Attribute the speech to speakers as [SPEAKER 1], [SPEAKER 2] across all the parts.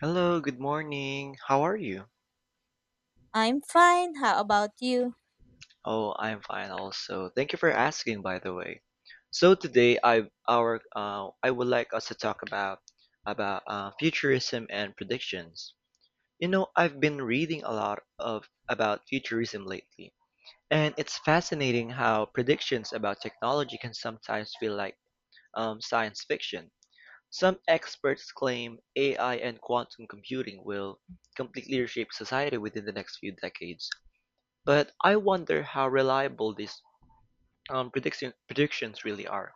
[SPEAKER 1] Hello, good morning. How are you?
[SPEAKER 2] I'm fine. How about you?
[SPEAKER 1] Oh, I'm fine also. Thank you for asking, by the way. So today I would like us to talk about futurism and predictions. You know, I've been reading a lot of about futurism lately, and it's fascinating how predictions about technology can sometimes feel like science fiction. Some experts claim AI and quantum computing will completely reshape society within the next few decades. But I wonder how reliable these predictions really are,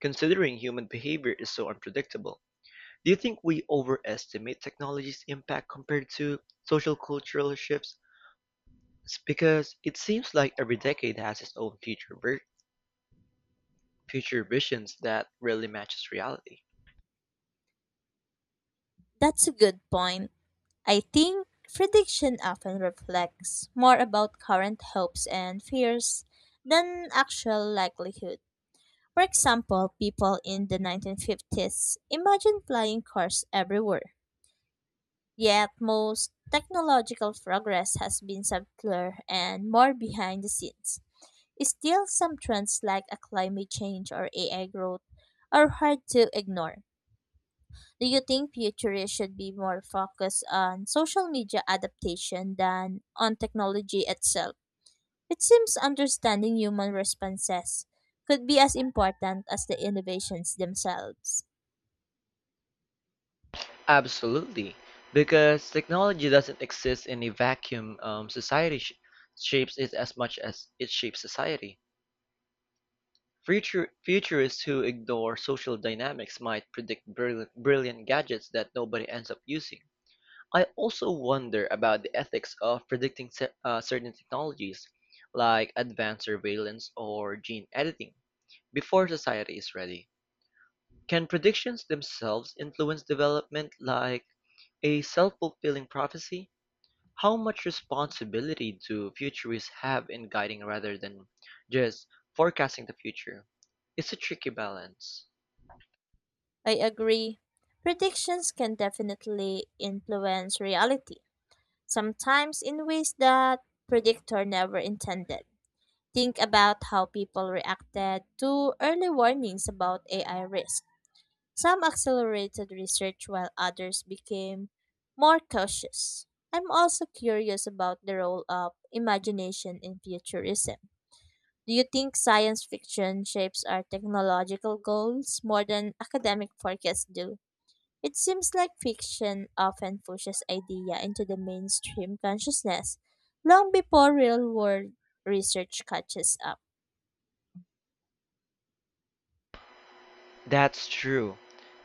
[SPEAKER 1] considering human behavior is so unpredictable. Do you think we overestimate technology's impact compared to social cultural shifts? It's because it seems like every decade has its own future visions that really matches reality.
[SPEAKER 2] That's a good point. I think prediction often reflects more about current hopes and fears than actual likelihood. For example, people in the 1950s imagined flying cars everywhere. Yet most technological progress has been subtler and more behind the scenes. Still, some trends like a climate change or AI growth are hard to ignore. Do you think futurists should be more focused on social media adaptation than on technology itself? It seems understanding human responses could be as important as the innovations themselves.
[SPEAKER 1] Absolutely, because technology doesn't exist in a vacuum. Society shapes it as much as it shapes society. Futurists who ignore social dynamics might predict brilliant gadgets that nobody ends up using. I also wonder about the ethics of predicting certain technologies, like advanced surveillance or gene editing, before society is ready. Can predictions themselves influence development like a self fulfilling prophecy? How much responsibility do futurists have in guiding rather than just forecasting the future? It's a tricky balance.
[SPEAKER 2] I agree. Predictions can definitely influence reality, sometimes in ways that predictor never intended. Think about how people reacted to early warnings about AI risk. Some accelerated research while others became more cautious. I'm also curious about the role of imagination in futurism. Do you think science fiction shapes our technological goals more than academic forecasts do? It seems like fiction often pushes idea into the mainstream consciousness long before real-world research catches up.
[SPEAKER 1] That's true.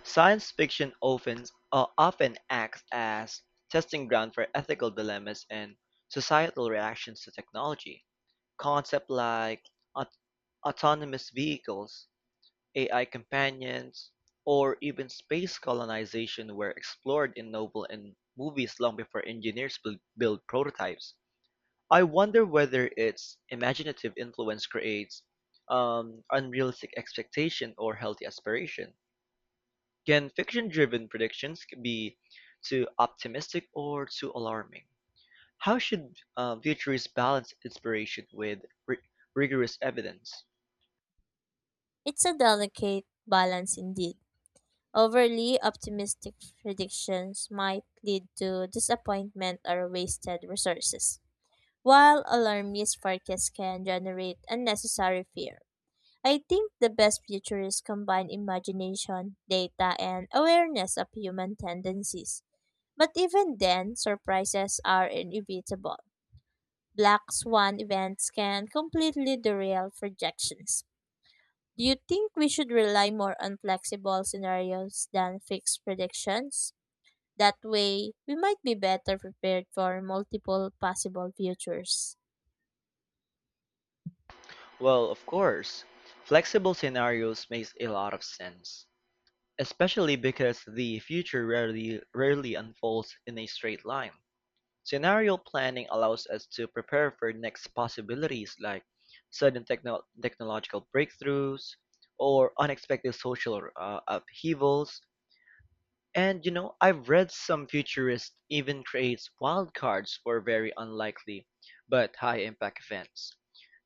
[SPEAKER 1] Science fiction often acts as testing ground for ethical dilemmas and societal reactions to technology. Concepts like aut- autonomous vehicles, AI companions, or even space colonization were explored in novel and movies long before engineers build prototypes. I wonder whether its imaginative influence creates unrealistic expectation or healthy aspiration. Can fiction-driven predictions be too optimistic or too alarming. How should futurists balance inspiration with ri- rigorous evidence?
[SPEAKER 2] It's a delicate balance indeed. Overly optimistic predictions might lead to disappointment or wasted resources, while alarmist forecasts can generate unnecessary fear. I think the best futurists combine imagination, data, and awareness of human tendencies. But even then, surprises are inevitable. Black swan events can completely derail projections. Do you think we should rely more on flexible scenarios than fixed predictions? That way, we might be better prepared for multiple possible futures.
[SPEAKER 1] Well, of course, flexible scenarios makes a lot of sense, especially because the future rarely unfolds in a straight line. Scenario planning allows us to prepare for next possibilities like sudden technological breakthroughs or unexpected social upheavals. And I've read some futurists even creates wildcards for very unlikely but high impact events.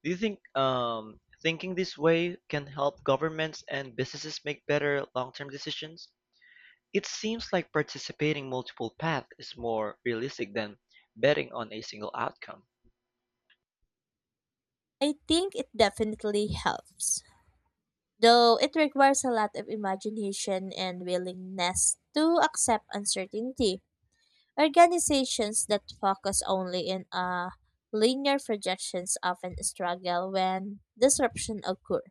[SPEAKER 1] Do you think thinking this way can help governments and businesses make better long-term decisions? It seems like participating multiple paths is more realistic than betting on a single outcome.
[SPEAKER 2] I think it definitely helps, though it requires a lot of imagination and willingness to accept uncertainty. Organizations that focus only in a linear projections often struggle when disruption occurs.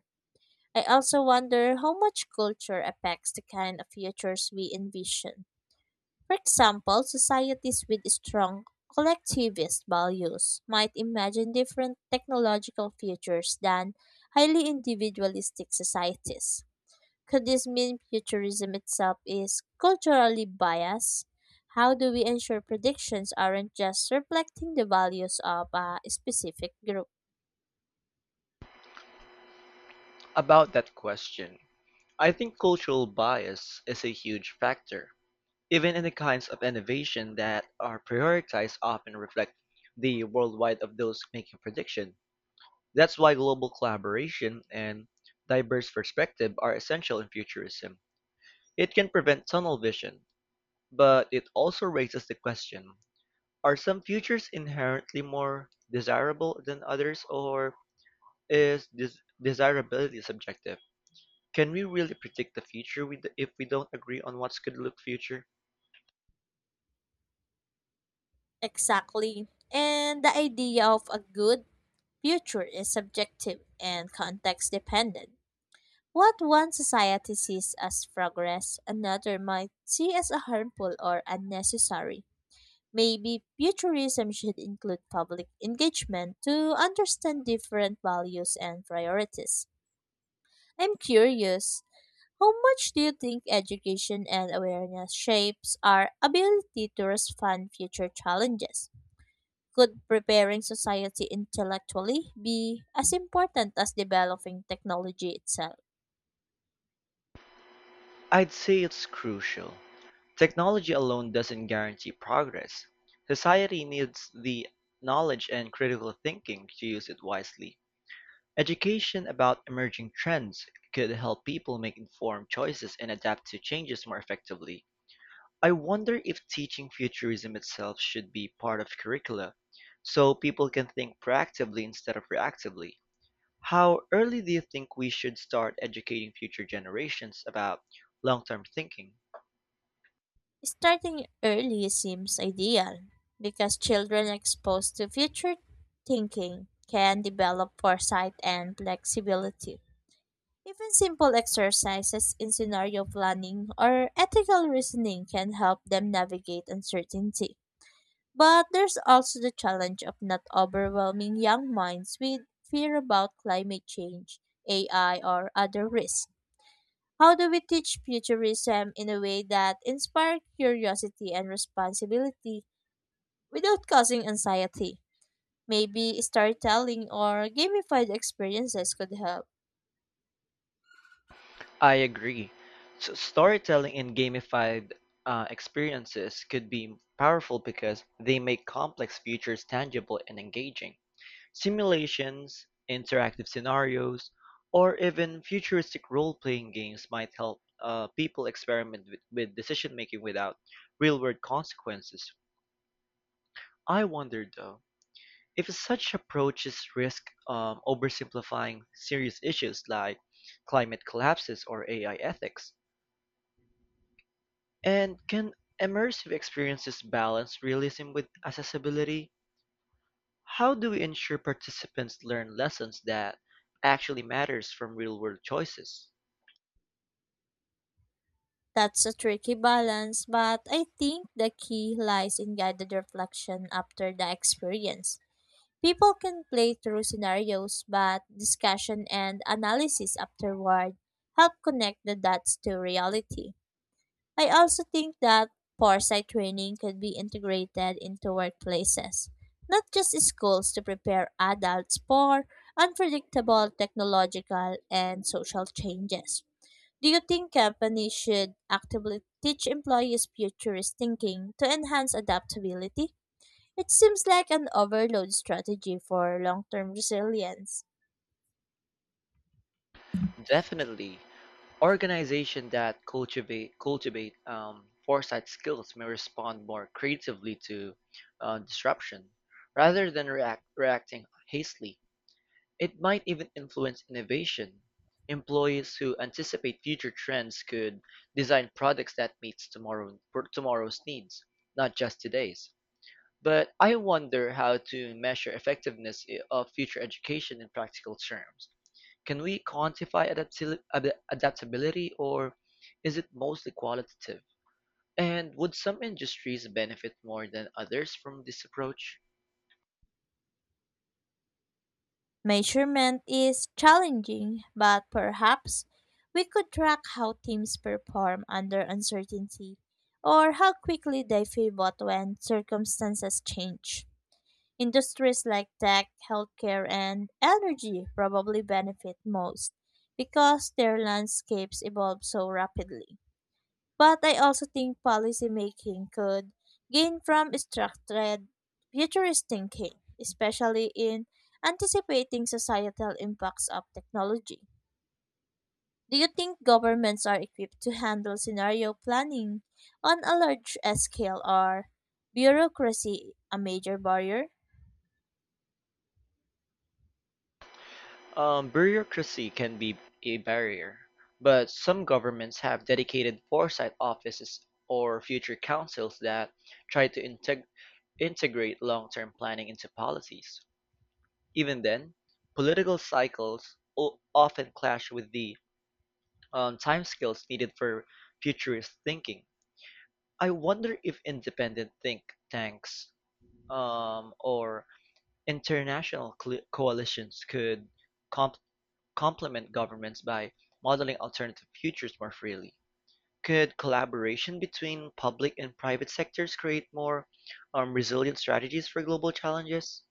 [SPEAKER 2] I also wonder how much culture affects the kind of futures we envision. For example, societies with strong collectivist values might imagine different technological futures than highly individualistic societies. Could this mean futurism itself is culturally biased? How do we ensure predictions aren't just reflecting the values of a specific group?
[SPEAKER 1] About that question, I think cultural bias is a huge factor. Even in the kinds of innovation that are prioritized often reflect the worldwide of those making prediction. That's why global collaboration and diverse perspective are essential in futurism. It can prevent tunnel vision, but it also raises the question, are some futures inherently more desirable than others, or is this desirability subjective? Can we really predict the future if we don't agree on what's good look future?
[SPEAKER 2] Exactly. And the idea of a good future is subjective and context dependent. What one society sees as progress, another might see as a harmful or unnecessary. Maybe futurism should include public engagement to understand different values and priorities. I'm curious, how much do you think education and awareness shapes our ability to respond future challenges? Could preparing society intellectually be as important as developing technology itself?
[SPEAKER 1] I'd say it's crucial. Technology alone doesn't guarantee progress. Society needs the knowledge and critical thinking to use it wisely. Education about emerging trends could help people make informed choices and adapt to changes more effectively. I wonder if teaching futurism itself should be part of curricula so people can think proactively instead of reactively. How early do you think we should start educating future generations about long-term thinking?
[SPEAKER 2] Starting early seems ideal because children exposed to future thinking can develop foresight and flexibility. Even simple exercises in scenario planning or ethical reasoning can help them navigate uncertainty. But there's also the challenge of not overwhelming young minds with fear about climate change, AI, or other risks. How do we teach futurism in a way that inspires curiosity and responsibility without causing anxiety? Maybe storytelling or gamified experiences could help.
[SPEAKER 1] I agree. So storytelling and gamified experiences could be powerful because they make complex futures tangible and engaging. Simulations, interactive scenarios, or even futuristic role-playing games might help people experiment with decision-making without real-world consequences. I wonder though. If such approaches risk oversimplifying serious issues like climate collapses or AI ethics, and can immersive experiences balance realism with accessibility? How do we ensure participants learn lessons that actually matters from real-world choices?
[SPEAKER 2] That's a tricky balance, but I think the key lies in guided reflection after the experience. People can play through scenarios, but discussion and analysis afterward help connect the dots to reality. I also think that foresight training could be integrated into workplaces, not just schools, to prepare adults for unpredictable technological and social changes. Do you think companies should actively teach employees futurist thinking to enhance adaptability? It seems like an overload strategy for long term resilience.
[SPEAKER 1] Definitely, organizations that cultivate foresight skills may respond more creatively to disruption rather than reacting hastily. It might even influence innovation; employees who anticipate future trends could design products that meets tomorrow, for tomorrow's needs, not just today's. But I wonder how to measure effectiveness of future education in practical terms. Can we quantify adaptability, or is it mostly qualitative? And would some industries benefit more than others from this approach?
[SPEAKER 2] Measurement is challenging, but perhaps we could track how teams perform under uncertainty or how quickly they pivot when circumstances change. Industries like tech, healthcare, and energy probably benefit most because their landscapes evolve so rapidly. But I also think policymaking could gain from structured futurist thinking, especially in anticipating societal impacts of technology. Do you think governments are equipped to handle scenario planning on a large scale or bureaucracy a major barrier?
[SPEAKER 1] Bureaucracy can be a barrier, but some governments have dedicated foresight offices or future councils that try to integrate long-term planning into policies. Even then, political cycles often clash with the timescales needed for futurist thinking. I wonder if independent think tanks or international coalitions could complement governments by modeling alternative futures more freely. Could collaboration between public and private sectors create more resilient strategies for global challenges?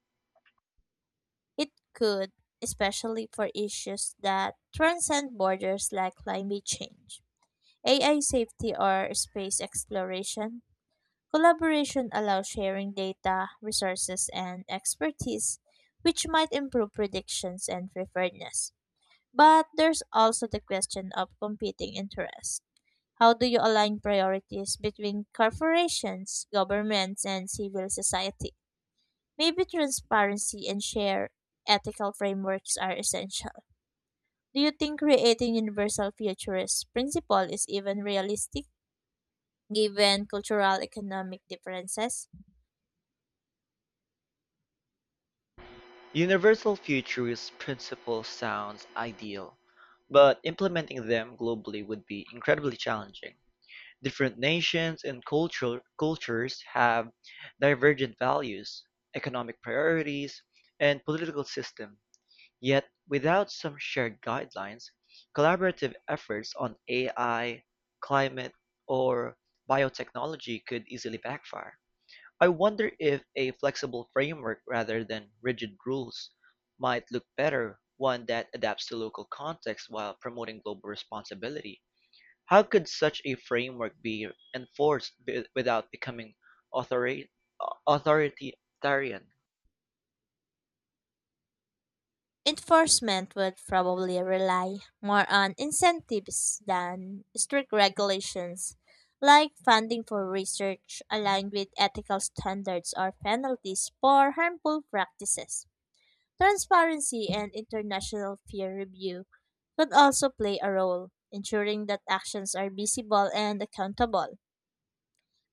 [SPEAKER 2] It could, especially for issues that transcend borders like climate change, AI safety, or space exploration. Collaboration allows sharing data, resources, and expertise, which might improve predictions and preparedness. But there's also the question of competing interests. How do you align priorities between corporations, governments, and civil society? Maybe transparency and shared ethical frameworks are essential. Do you think creating universal futurist principle is even realistic given cultural economic differences?
[SPEAKER 1] Universal futurist principle sounds ideal, but implementing them globally would be incredibly challenging. Different nations and cultural cultures have divergent values, economic priorities, and political systems. Yet, without some shared guidelines, collaborative efforts on AI, climate, or biotechnology could easily backfire. I wonder if a flexible framework rather than rigid rules might look better, one that adapts to local context while promoting global responsibility. How could such a framework be enforced without becoming authori- authoritarian?
[SPEAKER 2] Enforcement would probably rely more on incentives than strict regulations, like funding for research aligned with ethical standards or penalties for harmful practices. Transparency and international peer review could also play a role, ensuring that actions are visible and accountable.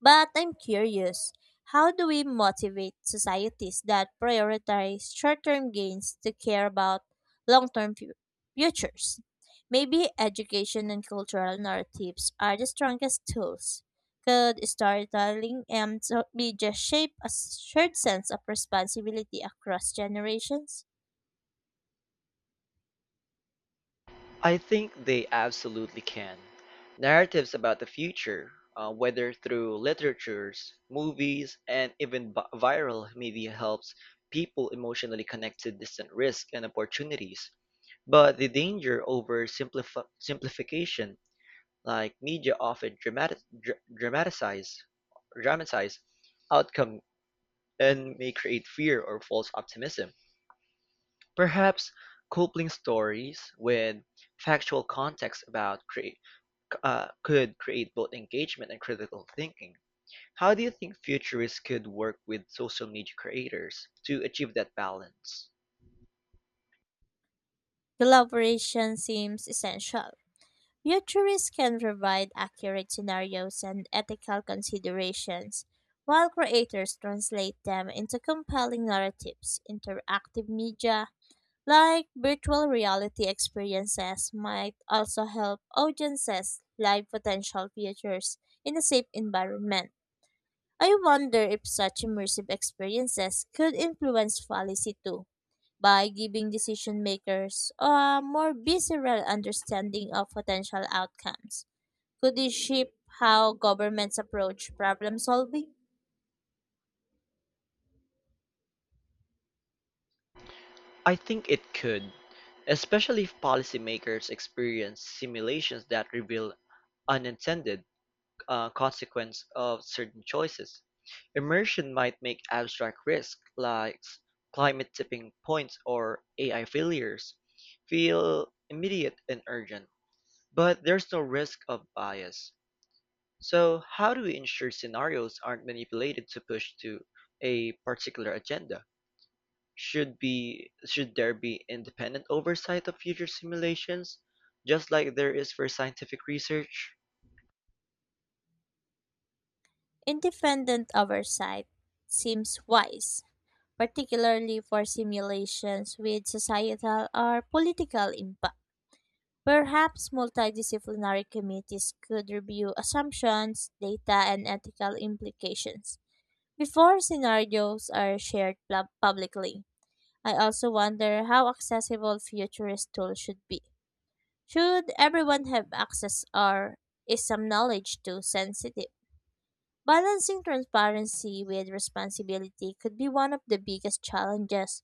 [SPEAKER 2] But I'm curious, how do we motivate societies that prioritize short-term gains to care about long-term futures? Maybe education and cultural narratives are the strongest tools. Could storytelling and media shape a shared sense of responsibility across generations?
[SPEAKER 1] I think they absolutely can. Narratives about the future, whether through literatures, movies, and even viral media, helps people emotionally connect to distant risks and opportunities. But the danger over simplification, like media often dramatize outcome and may create fear or false optimism. Perhaps coupling stories with factual context about could create both engagement and critical thinking. How do you think futurists could work with social media creators to achieve that balance?
[SPEAKER 2] Collaboration seems essential. Futurists can provide accurate scenarios and ethical considerations, while creators translate them into compelling narratives. Interactive media, like virtual reality experiences, might also help audiences live potential futures in a safe environment. I wonder if such immersive experiences could influence policy too by giving decision makers a more visceral understanding of potential outcomes. Could this shape how governments approach problem solving?
[SPEAKER 1] I think it could, especially if policymakers experience simulations that reveal unintended consequence of certain choices. Immersion might make abstract risk, like climate tipping points or AI failures, feel immediate and urgent. But there's no risk of bias. So how do we ensure scenarios aren't manipulated to push to a particular agenda? Should there be independent oversight of future simulations, just like there is for scientific research?
[SPEAKER 2] Independent oversight seems wise, particularly for simulations with societal or political impact. Perhaps multidisciplinary committees could review assumptions, data, and ethical implications before scenarios are shared publicly. I also wonder how accessible futurist tools should be. Should everyone have access or is some knowledge too sensitive? Balancing transparency with responsibility could be one of the biggest challenges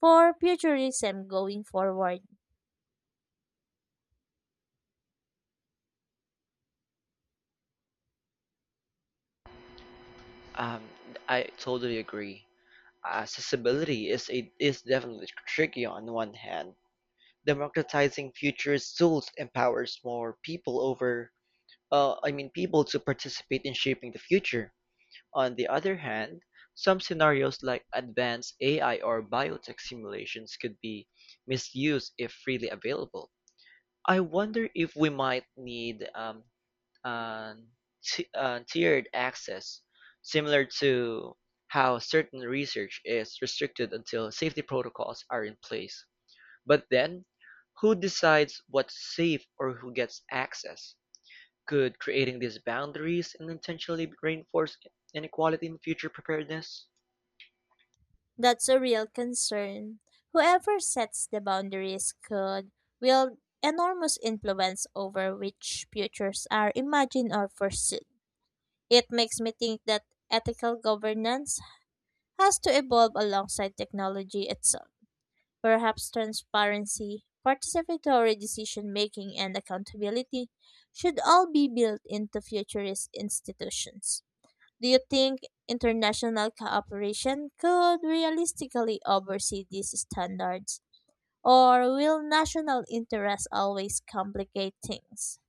[SPEAKER 2] for futurism going forward.
[SPEAKER 1] Um, I totally agree. Accessibility is definitely tricky on one hand. Democratizing futures tools empowers more people over I mean people to participate in shaping the future. On the other hand, some scenarios like advanced AI or biotech simulations could be misused if freely available. I wonder if we might need uh, tiered access, similar to how certain research is restricted until safety protocols are in place. But then, who decides what's safe or who gets access? Could creating these boundaries and intentionally reinforce inequality in future preparedness?
[SPEAKER 2] That's a real concern. Whoever sets the boundaries could wield enormous influence over which futures are imagined or pursued. It makes me think that ethical governance has to evolve alongside technology itself. Perhaps transparency, participatory decision making, and accountability should all be built into futurist institutions. Do you think international cooperation could realistically oversee these standards? Or will national interests always complicate things?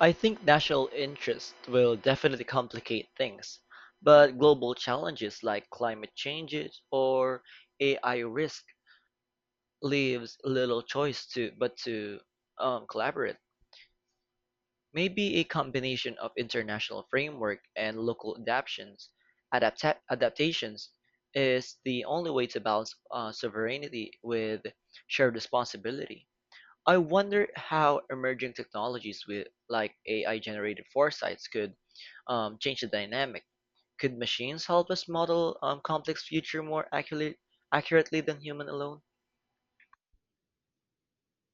[SPEAKER 1] I think national interest will definitely complicate things, but global challenges like climate changes or AI risk leaves little choice to but to collaborate. Maybe a combination of international framework and local adaptations is the only way to balance sovereignty with shared responsibility. I wonder how emerging technologies with like AI generated foresights could change the dynamic. Could machines help us model complex future more accurately than human alone?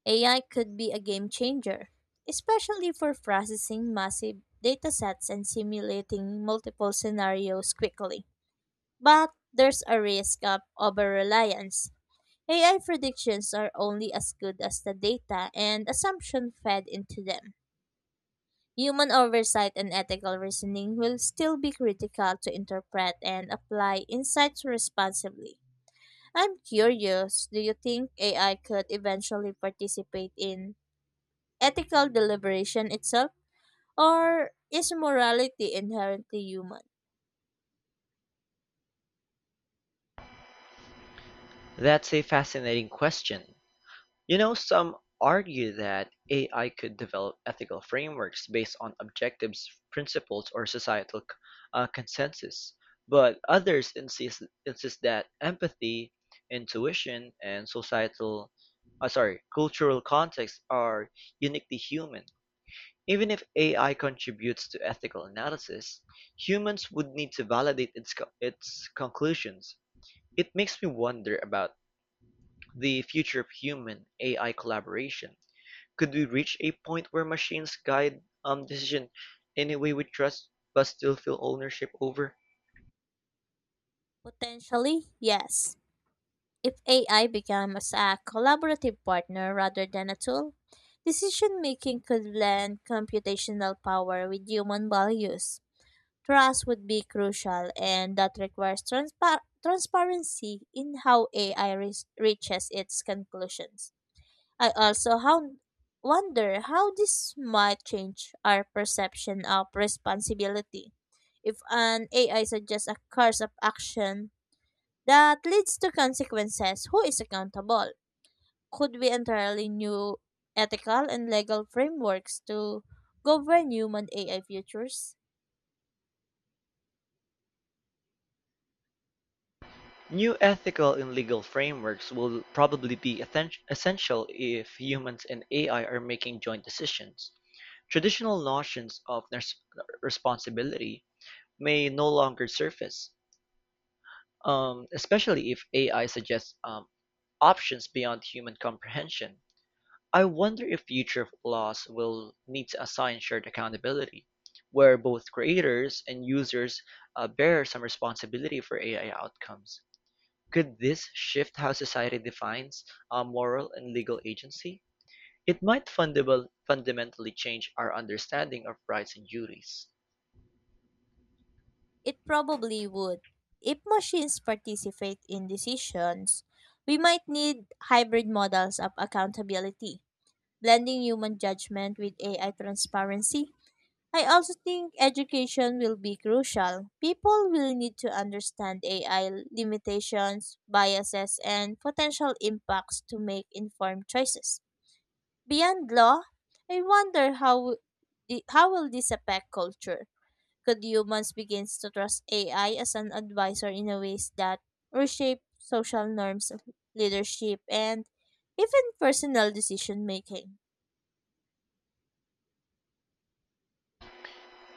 [SPEAKER 2] AI could be a game changer, especially for processing massive datasets and simulating multiple scenarios quickly. But there's a risk of over reliance. AI predictions are only as good as the data and assumption fed into them. Human oversight and ethical reasoning will still be critical to interpret and apply insights responsibly. I'm curious, do you think AI could eventually participate in ethical deliberation itself? Or is morality inherently human?
[SPEAKER 1] That's a fascinating question. Some argue that AI could develop ethical frameworks based on objectives, principles, or societal consensus, but others insist that empathy, intuition, and cultural context are uniquely human. Even if AI contributes to ethical analysis, humans would need to validate its conclusions. It makes me wonder about the future of human AI collaboration. Could we reach a point where machines guide decision in a way we trust but still feel ownership over?
[SPEAKER 2] Potentially, yes. If AI becomes a collaborative partner rather than a tool, decision making could blend computational power with human values. Trust would be crucial, and that requires transparency in how AI reaches its conclusions. I also how- wonder how this might change our perception of responsibility. If an AI suggests a course of action that leads to consequences, who is accountable? Could be entirely new ethical and legal frameworks to govern human AI futures?
[SPEAKER 1] New ethical and legal frameworks will probably be essential if humans and AI are making joint decisions. Traditional notions of responsibility may no longer surface, especially if AI suggests options beyond human comprehension. I wonder if future laws will need to assign shared accountability, where both creators and users bear some responsibility for AI outcomes. Could this shift how society defines moral and legal agency? It might fundamentally change our understanding of rights and duties.
[SPEAKER 2] It probably would. If machines participate in decisions, we might need hybrid models of accountability, blending human judgment with AI transparency. I also think education will be crucial. People will need to understand AI limitations, biases, and potential impacts to make informed choices. Beyond law, I wonder how how will this affect culture? Could humans begin to trust AI as an advisor in a ways that reshape social norms of leadership and even personal decision making?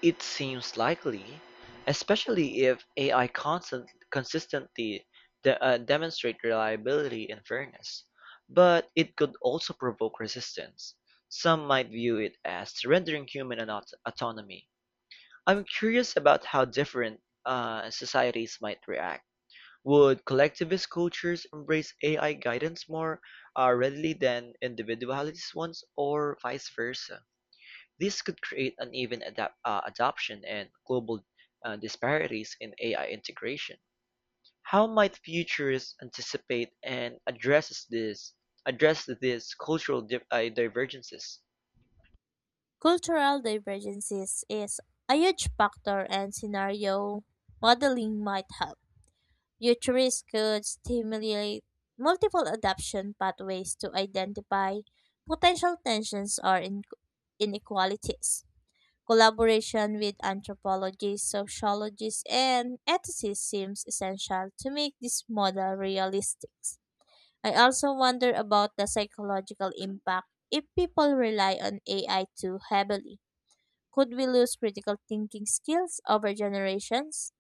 [SPEAKER 1] It seems likely, especially if AI consistently demonstrate reliability and fairness. But it could also provoke resistance. Some might view it as surrendering human autonomy. I'm curious about how different societies might react. Would collectivist cultures embrace AI guidance more readily than individualities ones, or vice versa? This could create uneven adapt adoption and global disparities in AI integration. How might futurists anticipate and address these cultural divergences?
[SPEAKER 2] Cultural divergences is a huge factor and scenario modeling might help. Futurists could stimulate multiple adaptation pathways to identify potential tensions or inequalities. Collaboration with anthropologists, sociologists, and ethicists seems essential to make this model realistic. I also wonder about the psychological impact. If people rely on AI too heavily, could we lose critical thinking skills over generations?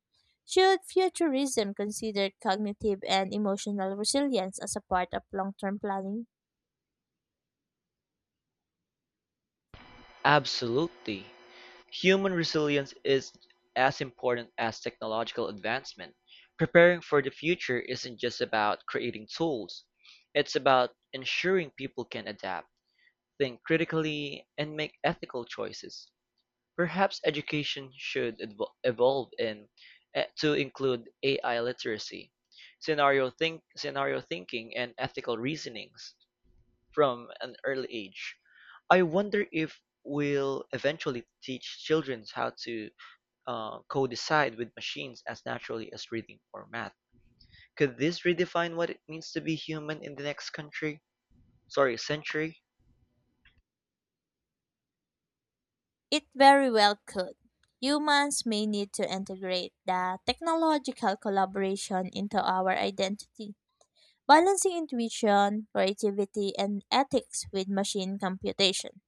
[SPEAKER 2] Should futurism consider cognitive and emotional resilience as a part of long term planning?
[SPEAKER 1] Absolutely. Human resilience is as important as technological advancement. Preparing for the future isn't just about creating tools, it's about ensuring people can adapt, think critically, and make ethical choices. Perhaps education should evolve to include AI literacy, scenario thinking, and ethical reasonings from an early age. I wonder if we'll eventually teach children how to co-decide with machines as naturally as reading or math. Could this redefine what it means to be human in the next country? Sorry, century?
[SPEAKER 2] It very well could. Humans may need to integrate the technological collaboration into our identity, balancing intuition, creativity, and ethics with machine computation.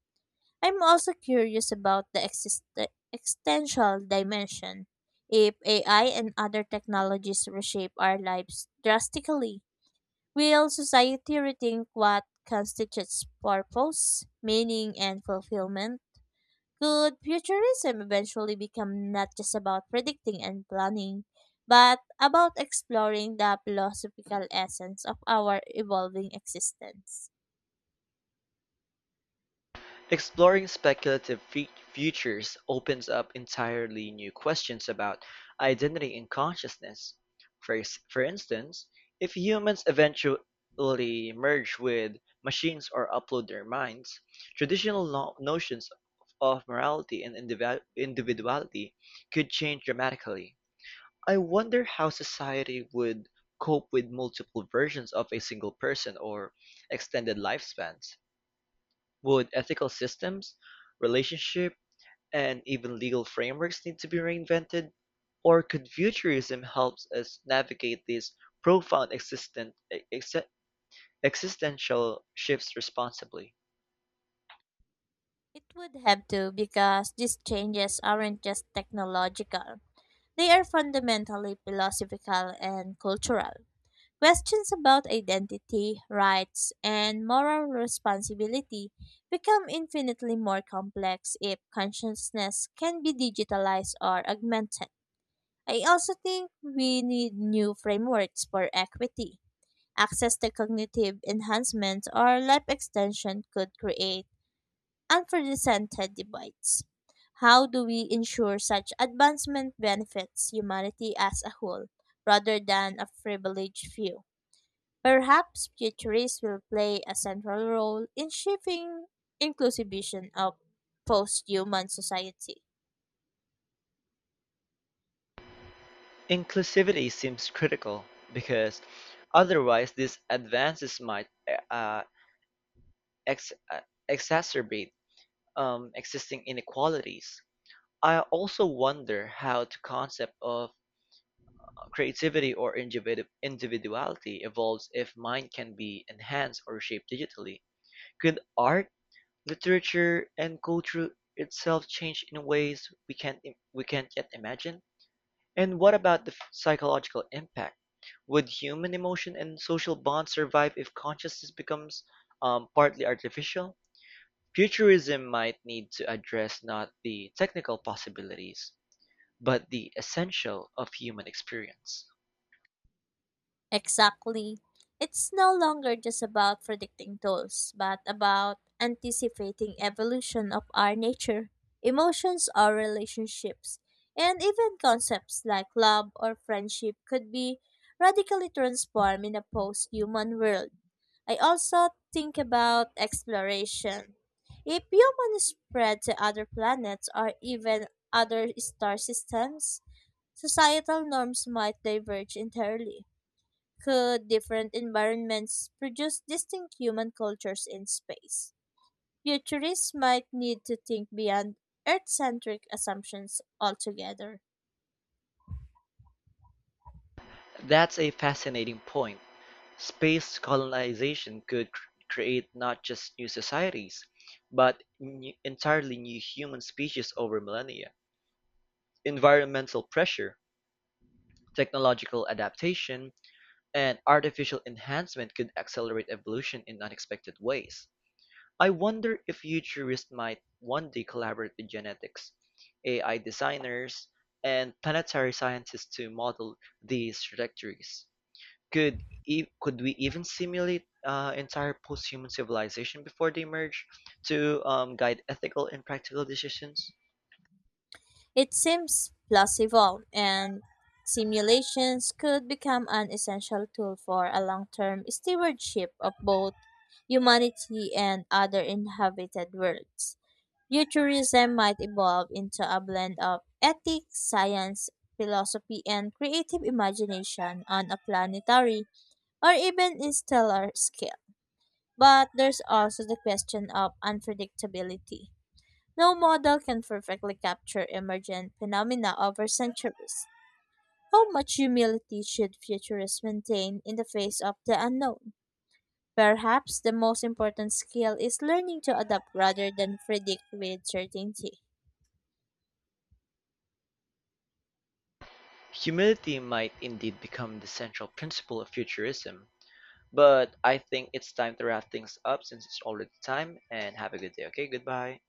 [SPEAKER 2] I'm also curious about the existential dimension. If AI and other technologies reshape our lives drastically, will society rethink what constitutes purpose, meaning, and fulfillment? Could futurism eventually become not just about predicting and planning, but about exploring the philosophical essence of our evolving existence?
[SPEAKER 1] Exploring speculative futures opens up entirely new questions about identity and consciousness. For instance, if humans eventually merge with machines or upload their minds, traditional notions of morality and individuality could change dramatically. I wonder how society would cope with multiple versions of a single person or extended lifespans. Would ethical systems, relationship, and even legal frameworks need to be reinvented? Or could futurism help us navigate these profound ex- existential shifts responsibly?
[SPEAKER 2] It would have to because these changes aren't just technological. They are fundamentally philosophical and cultural. Questions about identity, rights, and moral responsibility become infinitely more complex if consciousness can be digitalized or augmented. I also think we need new frameworks for equity. Access to cognitive enhancements or life extension could create unprecedented debates. How do we ensure such advancement benefits humanity as a whole, rather than a privileged few? Perhaps futurists will play a central role in shaping inclusive vision of post-human society.
[SPEAKER 1] Inclusivity seems critical because otherwise these advances might ex- uh, exacerbate existing inequalities. I also wonder how the concept of creativity or individuality evolves if mind can be enhanced or shaped digitally. Could art, literature, and culture itself change in ways we can't yet imagine? And what about the psychological impact? Would human emotion and social bonds survive if consciousness becomes partly artificial? Futurism might need to address not the technical possibilities, but the essential of human experience.
[SPEAKER 2] Exactly. It's no longer just about predicting tools, but about anticipating evolution of our nature, emotions or relationships, and even concepts like love or friendship could be radically transformed in a post-human world. I also think about exploration. If humans spread to other planets or even other star systems, societal norms might diverge entirely. Could different environments produce distinct human cultures in space? Futurists might need to think beyond Earth centric assumptions altogether.
[SPEAKER 1] That's a fascinating point. Space colonization could create not just new societies, but entirely new human species over millennia. Environmental pressure, technological adaptation, and artificial enhancement could accelerate evolution in unexpected ways. I wonder if futurists might one day collaborate with genetics, AI designers, and planetary scientists to model these trajectories. Could we even simulate entire post-human civilization before they emerge to guide ethical and practical decisions?
[SPEAKER 2] It seems plausible, and simulations could become an essential tool for a long term stewardship of both humanity and other inhabited worlds. Futurism might evolve into a blend of ethics, science, philosophy, and creative imagination on a planetary or even a stellar scale. But there's also the question of unpredictability. No model can perfectly capture emergent phenomena over centuries. How much humility should futurists maintain in the face of the unknown? Perhaps the most important skill is learning to adapt rather than predict with certainty.
[SPEAKER 1] Humility might indeed become the central principle of futurism, but I think it's time to wrap things up since it's already time. And have a good day. Okay, goodbye.